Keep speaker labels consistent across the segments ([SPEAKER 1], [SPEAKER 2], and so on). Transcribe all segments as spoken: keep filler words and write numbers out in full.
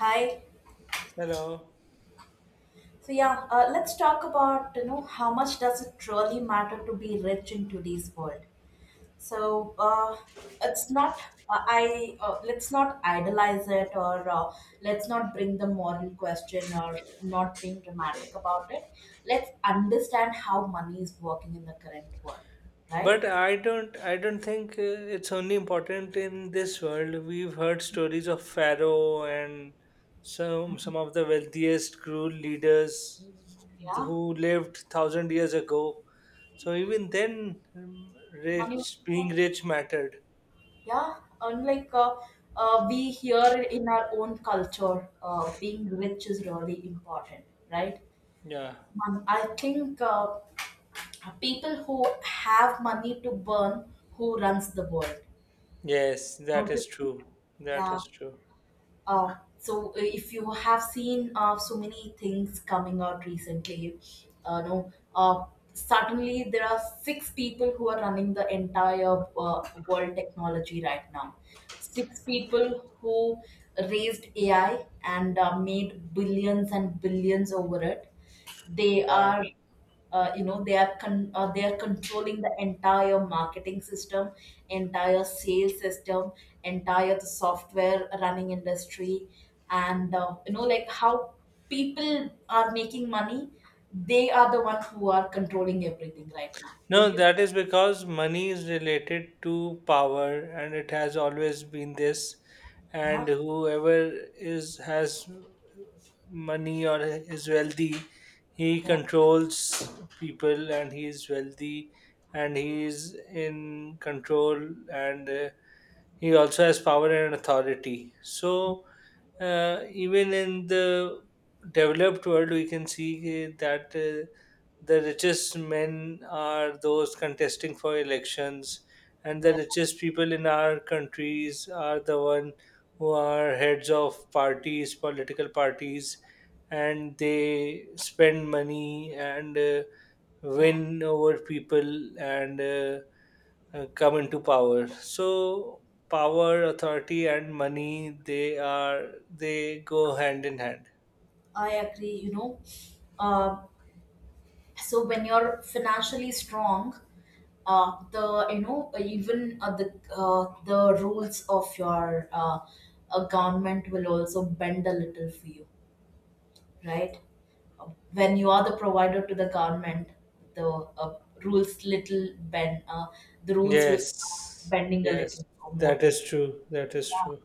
[SPEAKER 1] Hi.
[SPEAKER 2] Hello.
[SPEAKER 1] So yeah, uh, let's talk about you know how much does it really matter to be rich in today's world. So uh, it's not uh, I uh, Let's not idolize it or uh, let's not bring the moral question or not being dramatic about it. Let's understand how money is working in the current world, right?
[SPEAKER 2] But I don't I don't think uh, it's only important in this world. We've heard stories of Pharaoh and some some of the wealthiest cruel leaders
[SPEAKER 1] Yeah,
[SPEAKER 2] who lived thousand years ago. So even then, um,
[SPEAKER 1] money.
[SPEAKER 2] rich being rich mattered.
[SPEAKER 1] Yeah, unlike uh, uh, We here in our own culture, uh, being rich is really important, right?
[SPEAKER 2] Yeah.
[SPEAKER 1] Um, I think uh, people who have money to burn, who runs the world,
[SPEAKER 2] Yes, that
[SPEAKER 1] don't
[SPEAKER 2] is
[SPEAKER 1] you think?
[SPEAKER 2] true. That
[SPEAKER 1] Yeah.
[SPEAKER 2] is true.
[SPEAKER 1] Uh, so uh, if you have seen uh, so many things coming out recently, uh, no, uh, suddenly there are six people who are running the entire uh, world technology right now. Six people who raised A I and uh, made billions and billions over it. They
[SPEAKER 2] Yeah.
[SPEAKER 1] are uh, you know they are con- uh, They are controlling the entire marketing system, entire sales system, entire the software running industry, and uh, you know like how people are making money, they are the one who are controlling everything right now, don't
[SPEAKER 2] No,
[SPEAKER 1] you?
[SPEAKER 2] that is because money is related to power, and it has always been this.
[SPEAKER 1] yeah
[SPEAKER 2] And whoever is has money or is wealthy, he
[SPEAKER 1] yeah
[SPEAKER 2] controls people, and he is wealthy, and he is in control, and uh, he also has power and authority. So uh, even in the developed world, we can see that. Uh, the richest men are those contesting for elections, and the
[SPEAKER 1] yeah,
[SPEAKER 2] richest people in our countries are the one who are heads of parties political parties, and they spend money, and uh,
[SPEAKER 1] yeah.
[SPEAKER 2] win over people, and uh, uh, come into power. So power, authority, and money, they are they go hand in hand.
[SPEAKER 1] i agree. you know um so when you're financially strong, uh, the you know even uh, the uh, the rules of your uh, uh, government will also bend a little for you, right? When you are the provider to the government, the uh, rules little bend uh, the rules will start
[SPEAKER 2] Yes,
[SPEAKER 1] bending a
[SPEAKER 2] yes,
[SPEAKER 1] little more
[SPEAKER 2] that
[SPEAKER 1] to you.
[SPEAKER 2] is true. That is
[SPEAKER 1] Yeah.
[SPEAKER 2] true.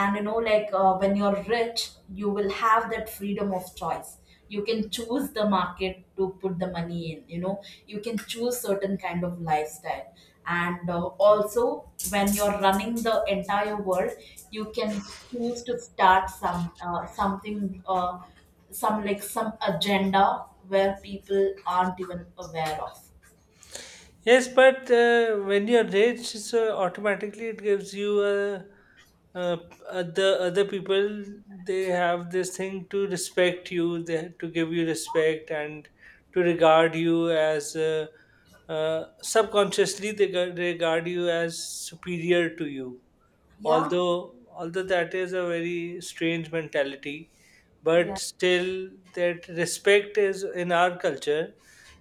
[SPEAKER 1] And you know like uh, when you're rich you will have that freedom of choice. You can choose the market to put the money in, you know you can choose certain kind of lifestyle. And uh, also when you're running the entire world, you can choose to start some uh, something uh, some like some agenda where people aren't even aware of.
[SPEAKER 2] Yes, but uh, when you're rich, so automatically it gives you a, uh, the other people, they have this thing to respect you, they have to give you respect and to regard you as uh, uh, subconsciously they g- regard you as superior to you.
[SPEAKER 1] yeah
[SPEAKER 2] Although although that is a very strange mentality, but
[SPEAKER 1] yeah
[SPEAKER 2] still that respect is in our culture.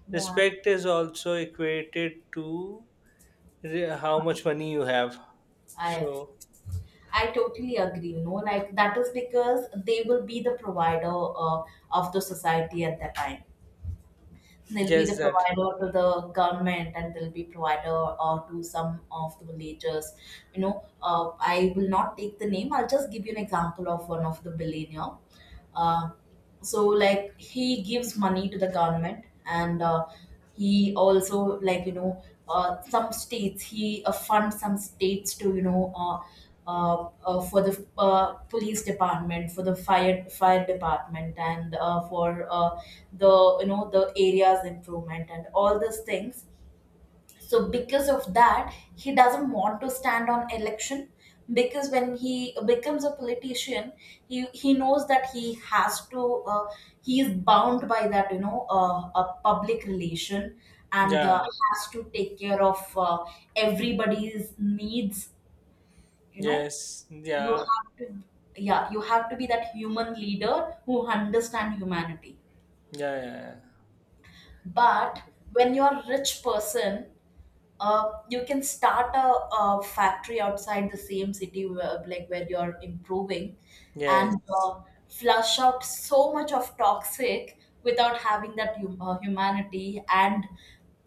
[SPEAKER 1] yeah
[SPEAKER 2] Respect is also equated to re- how much money you have.
[SPEAKER 1] i
[SPEAKER 2] So
[SPEAKER 1] I totally agree. No, like that is because they will be the provider uh, of the society at that time. They'll be the
[SPEAKER 2] yes, that,
[SPEAKER 1] provider to the government, and they'll be provider uh, to some of the villagers. You know, uh, I will not take the name. I'll just give you an example of one of the billionaire. Uh, so like he gives money to the government, and uh, he also like you know uh, some states he uh, funds some states to you know uh, uh, uh, for the uh, police department, for the fire fire department, and uh, for uh, the you know the areas improvement and all these things. So because of that, he doesn't want to stand on election, because when he becomes a politician, he he knows that he has to uh, he is bound by that, you know uh, a public relation, and uh,
[SPEAKER 2] yeah,
[SPEAKER 1] has to take care of uh, everybody's needs, you know.
[SPEAKER 2] yes,
[SPEAKER 1] You
[SPEAKER 2] yeah,
[SPEAKER 1] have to, yeah, you have to be that human leader who understand humanity.
[SPEAKER 2] yeah, yeah, yeah.
[SPEAKER 1] But when you're a rich person, Uh, you can start a, a factory outside the same city where, like where you're improving,
[SPEAKER 2] Yes.
[SPEAKER 1] and uh, flush out so much of toxic without having that hum- uh, humanity and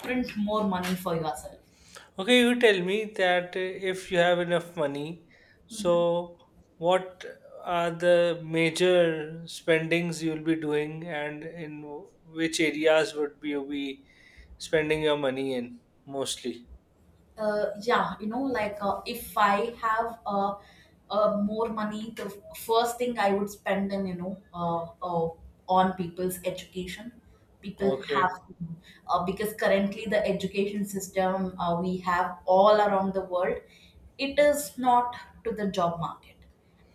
[SPEAKER 1] print more money for yourself.
[SPEAKER 2] Okay, you tell me that uh, if you have enough money,
[SPEAKER 1] Mhm.
[SPEAKER 2] so what are the major spendings you'll be doing, and in which areas would be you be spending your money in mostly?
[SPEAKER 1] Uh, yeah, you know, like uh, if I have uh, uh, more money, the f- first thing I would spend in, you know, uh, uh, on people's education. People have
[SPEAKER 2] Okay.
[SPEAKER 1] to, uh, because currently the education system uh, we have all around the world, it is not to the job market.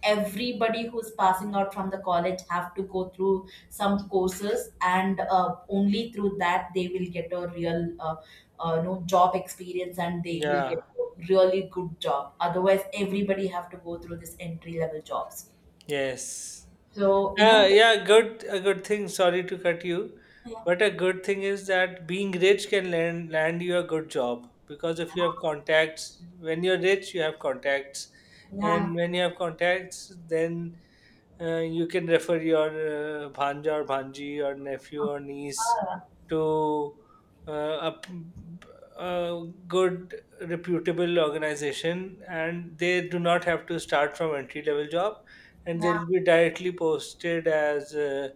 [SPEAKER 1] Everybody who's passing out from the college have to go through some courses, and uh, only through that they will get a real uh, uh, no job experience, and they will get
[SPEAKER 2] Yeah.
[SPEAKER 1] a really good job, otherwise everybody have to go through this entry level jobs.
[SPEAKER 2] Yes.
[SPEAKER 1] So you
[SPEAKER 2] Yeah,
[SPEAKER 1] know.
[SPEAKER 2] yeah, good, a good thing. Sorry to cut you,
[SPEAKER 1] yeah
[SPEAKER 2] but a good thing is that being rich can land land you a good job, because if you have contacts, when you're rich, you have contacts,
[SPEAKER 1] yeah
[SPEAKER 2] and when you have contacts, then uh, you can refer your uh, bhanja or bhanji or nephew or niece
[SPEAKER 1] yeah
[SPEAKER 2] to uh, a, p- a good reputable organization, and they do not have to start from entry level job, and
[SPEAKER 1] yeah,
[SPEAKER 2] they'll be directly posted as uh,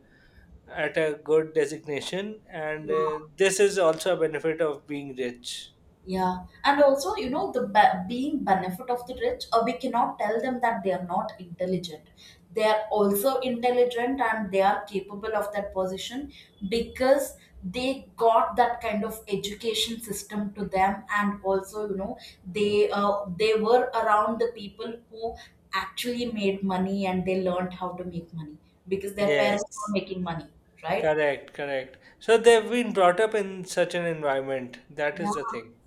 [SPEAKER 2] at a good designation. And uh,
[SPEAKER 1] yeah.
[SPEAKER 2] this is also a benefit of being rich.
[SPEAKER 1] Yeah, and also, you know, the be- being benefit of the rich, uh, we cannot tell them that they are not intelligent. They are also intelligent, and they are capable of that position, because they got that kind of education system to them. And also, you know, they uh, they were around the people who actually made money, and they learned how to make money, because their parents were
[SPEAKER 2] Yes,
[SPEAKER 1] making money, right?
[SPEAKER 2] correct, correct. So
[SPEAKER 1] So,
[SPEAKER 2] they've been brought up in such an environment. That
[SPEAKER 1] yeah.
[SPEAKER 2] is the thing.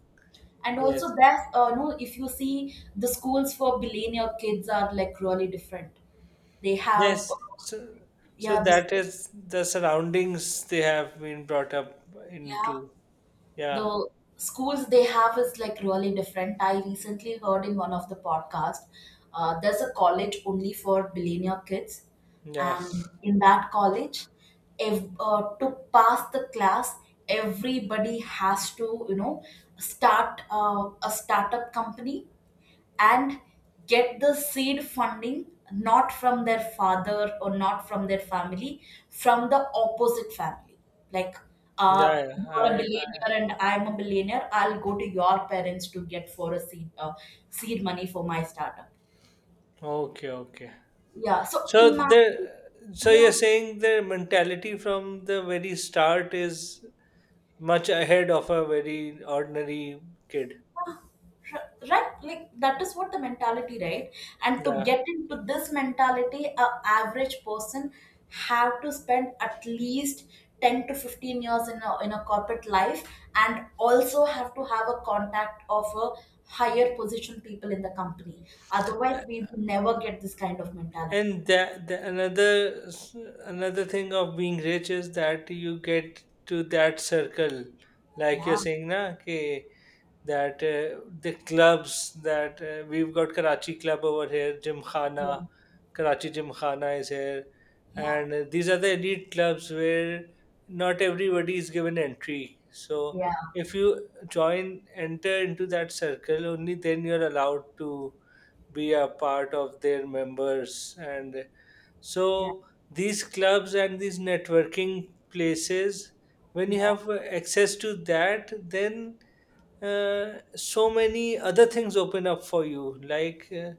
[SPEAKER 1] And also
[SPEAKER 2] Yes.
[SPEAKER 1] that, uh, no, if you see, the schools for billionaire kids are like really different. They have,
[SPEAKER 2] Yes, so so
[SPEAKER 1] yeah, the
[SPEAKER 2] that
[SPEAKER 1] school,
[SPEAKER 2] is the surroundings they have been brought up
[SPEAKER 1] yeah,
[SPEAKER 2] into. Yeah,
[SPEAKER 1] the schools they have is like really different. I recently heard in one of the podcast, uh, there's a college only for billionaire kids,
[SPEAKER 2] yeah,
[SPEAKER 1] and in that college, if uh, to pass the class, everybody has to, you know, start uh, a startup company and get the seed funding not from their father or not from their family, from the opposite family. Like, uh,
[SPEAKER 2] yeah. Yeah,
[SPEAKER 1] you are a
[SPEAKER 2] I,
[SPEAKER 1] billionaire and I'm a billionaire. I'll go to your parents to get for a seed uh, seed money for my startup.
[SPEAKER 2] okay, okay.
[SPEAKER 1] Yeah. So
[SPEAKER 2] So
[SPEAKER 1] imagine.
[SPEAKER 2] the so
[SPEAKER 1] Yeah.
[SPEAKER 2] you're saying their mentality from the very start is much ahead of a very ordinary kid.
[SPEAKER 1] R- right, like that is what the mentality, right? And to
[SPEAKER 2] Yeah.
[SPEAKER 1] get into this mentality, a average person have to spend at least ten to fifteen years in a, in a corporate life, and also have to have a contact of a higher position people in the company, otherwise
[SPEAKER 2] Yeah.
[SPEAKER 1] we will never get this kind of mentality.
[SPEAKER 2] And that, the another s- another thing of being rich is that you get to that circle, like
[SPEAKER 1] Yeah
[SPEAKER 2] you're saying, na, okay, that uh, the clubs that uh, we've got Karachi Club over here,
[SPEAKER 1] yeah
[SPEAKER 2] Gymkhana, Karachi Gymkhana is here,
[SPEAKER 1] yeah
[SPEAKER 2] and uh, these are the elite clubs where not everybody is given entry. So
[SPEAKER 1] yeah
[SPEAKER 2] if you join, enter into that circle, only then you're allowed to be a part of their members. And
[SPEAKER 1] yeah
[SPEAKER 2] so these clubs and these networking places, when you
[SPEAKER 1] yeah
[SPEAKER 2] have uh, access to that, then uh, so many other things open up for you, like uh,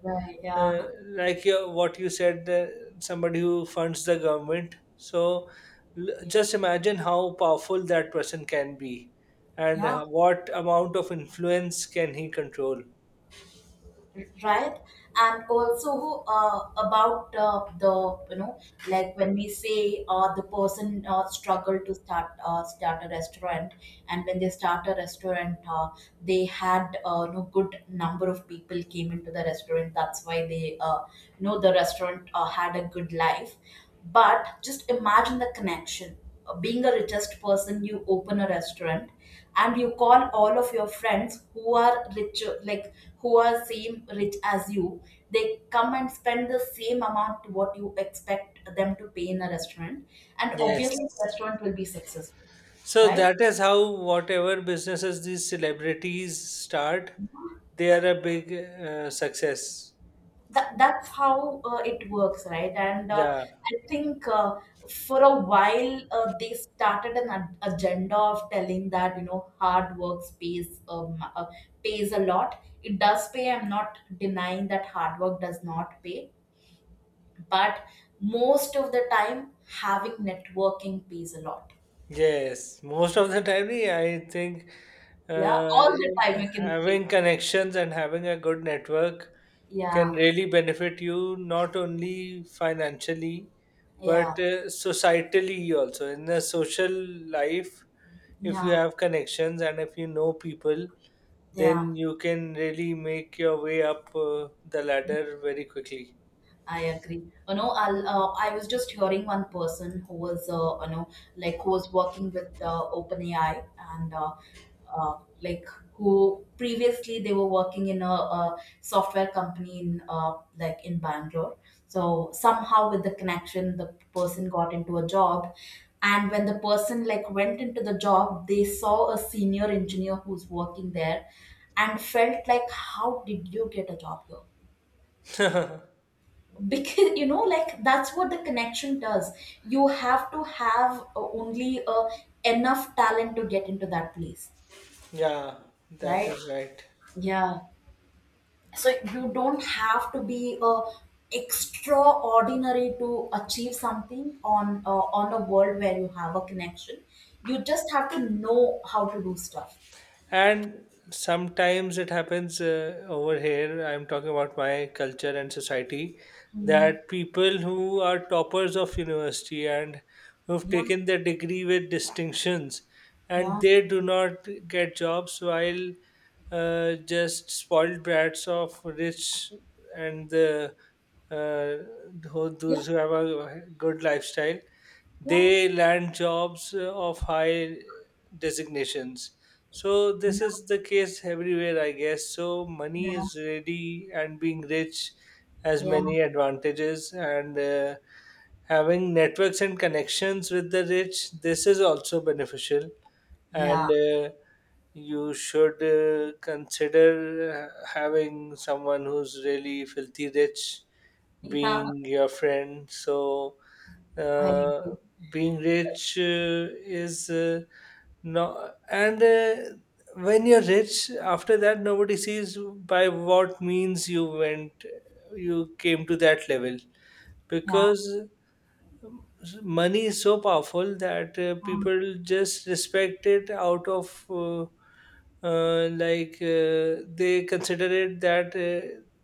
[SPEAKER 2] uh,
[SPEAKER 1] yeah
[SPEAKER 2] like your, what you said, uh, somebody who funds the government. So l-
[SPEAKER 1] yeah,
[SPEAKER 2] just imagine how powerful that person can be, and
[SPEAKER 1] yeah.
[SPEAKER 2] uh, what amount of influence can he control.
[SPEAKER 1] Right. And also uh, about uh, the, you know, like when we say uh, the person uh, struggled to start uh, start a restaurant, and when they start a restaurant, uh, they had, uh, you know good number of people came into the restaurant, that's why they uh, you know the restaurant uh, had a good life. But just imagine the connection. Uh, being a richest person, you open a restaurant and you call all of your friends who are rich, like who are same rich as you. They come and spend the same amount to what you expect them to pay in a restaurant, and
[SPEAKER 2] Yes,
[SPEAKER 1] obviously the restaurant will be successful,
[SPEAKER 2] so
[SPEAKER 1] right?
[SPEAKER 2] that is how whatever businesses these celebrities start, they are a big uh, success.
[SPEAKER 1] That, that's how uh, it works, right? And uh,
[SPEAKER 2] Yeah.
[SPEAKER 1] i think uh, for a while uh, they started an ad- agenda of telling that, you know, hard work pays. Um, uh, pays a lot. It does pay, I'm not denying that hard work does not pay, but most of the time, having networking pays a lot.
[SPEAKER 2] Yes, most of the time, yeah, I think
[SPEAKER 1] Yeah,
[SPEAKER 2] uh,
[SPEAKER 1] all the time, you can say.
[SPEAKER 2] having connections and having a good network can
[SPEAKER 1] yeah
[SPEAKER 2] really benefit you not only financially, but
[SPEAKER 1] yeah
[SPEAKER 2] uh, societally also. In the social life, if you
[SPEAKER 1] yeah
[SPEAKER 2] have connections and if you know people,
[SPEAKER 1] yeah
[SPEAKER 2] then you can really make your way up uh, the ladder very quickly.
[SPEAKER 1] I agree. You know, I'll, uh, I was just hearing one person who was, uh, you know, like who was working with uh, OpenAI, and uh, uh, like who previously they were working in a, a software company in uh, like in Bangalore. So somehow with the connection, the person got into a job, and when the person like went into the job, they saw a senior engineer who's working there, and felt like, how did you get a job here? Because you know like that's what the connection does. You have to have uh, only uh, enough talent to get into that place,
[SPEAKER 2] Yeah, that
[SPEAKER 1] right?
[SPEAKER 2] is right.
[SPEAKER 1] Yeah. So you don't have to be uh, extraordinary to achieve something on uh, on a world where you have a connection, you just have to know how to do stuff.
[SPEAKER 2] And sometimes it happens uh, over here. I'm talking about my culture and society,
[SPEAKER 1] Mm.
[SPEAKER 2] that people who are toppers of university and who've
[SPEAKER 1] yeah
[SPEAKER 2] taken their degree with distinctions, and
[SPEAKER 1] yeah
[SPEAKER 2] they do not get jobs, while uh, just spoiled brats of rich and the uh, who-
[SPEAKER 1] yeah
[SPEAKER 2] those who have a good lifestyle,
[SPEAKER 1] yeah
[SPEAKER 2] they land jobs uh, of high designations. So this
[SPEAKER 1] yeah
[SPEAKER 2] is the case everywhere, I guess. So money is
[SPEAKER 1] yeah
[SPEAKER 2] ready, and being rich has many advantages, and uh, having networks and connections with the rich, this is also beneficial. and.
[SPEAKER 1] yeah
[SPEAKER 2] Uh, you should uh, consider uh, having someone who's really filthy rich
[SPEAKER 1] yeah
[SPEAKER 2] being your friend. So
[SPEAKER 1] I
[SPEAKER 2] uh,
[SPEAKER 1] agree.
[SPEAKER 2] being rich uh, is uh, no, and uh, when you're rich, after that nobody sees by what means you went you came to that level,
[SPEAKER 1] yeah
[SPEAKER 2] because um, money is so powerful that uh, people just respect it out of uh, uh, like uh, they consider it that uh,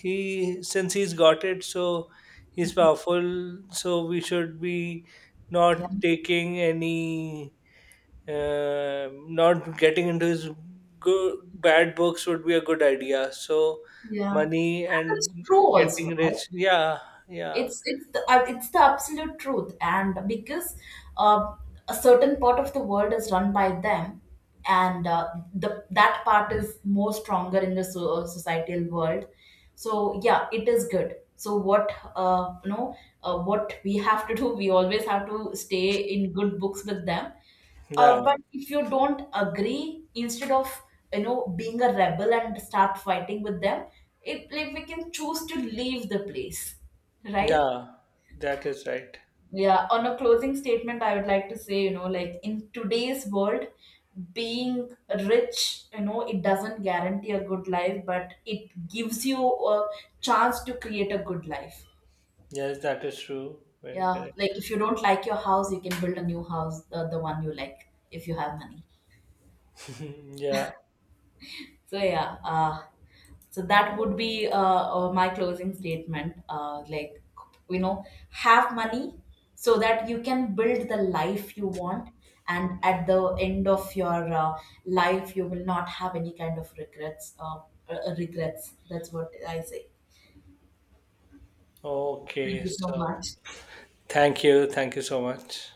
[SPEAKER 2] he since he's got it, so he's powerful. So we should be
[SPEAKER 1] yeah
[SPEAKER 2] not taking any, uh, not getting into his good bad books would be a good idea. So
[SPEAKER 1] yeah
[SPEAKER 2] money
[SPEAKER 1] It's
[SPEAKER 2] and
[SPEAKER 1] true also,
[SPEAKER 2] getting
[SPEAKER 1] right?
[SPEAKER 2] rich. Yeah, yeah,
[SPEAKER 1] It's it's the, uh, it's the absolute truth, and because uh, a certain part of the world is run by them, and uh, the that part is more stronger in the so- uh, societal world. So yeah, it is good. So what, uh, you know uh, what we have to do, we always have to stay in good books with them.
[SPEAKER 2] yeah,
[SPEAKER 1] Uh, but if you don't agree, instead of, you know, being a rebel and start fighting with them, it like we can choose to leave the place, right?
[SPEAKER 2] yeah, that is right.
[SPEAKER 1] Yeah. On a closing statement, I would like to say, you know, like in today's world, being rich, you know, it doesn't guarantee a good life, but it gives you a chance to create a good life.
[SPEAKER 2] Yes, that is true, very
[SPEAKER 1] Yeah. Like
[SPEAKER 2] correct.
[SPEAKER 1] if you don't like your house, you can build a new house, the, the one you like, if you have money.
[SPEAKER 2] Yeah.
[SPEAKER 1] So yeah, uh, so that would be uh, uh, my closing statement. Uh, like, you know, have money so that you can build the life you want, and at the end of your uh, life, you will not have any kind of regrets. Uh, uh, regrets. That's what I say. Thank
[SPEAKER 2] Okay,
[SPEAKER 1] you so
[SPEAKER 2] so
[SPEAKER 1] much.
[SPEAKER 2] thank you, thank you so much.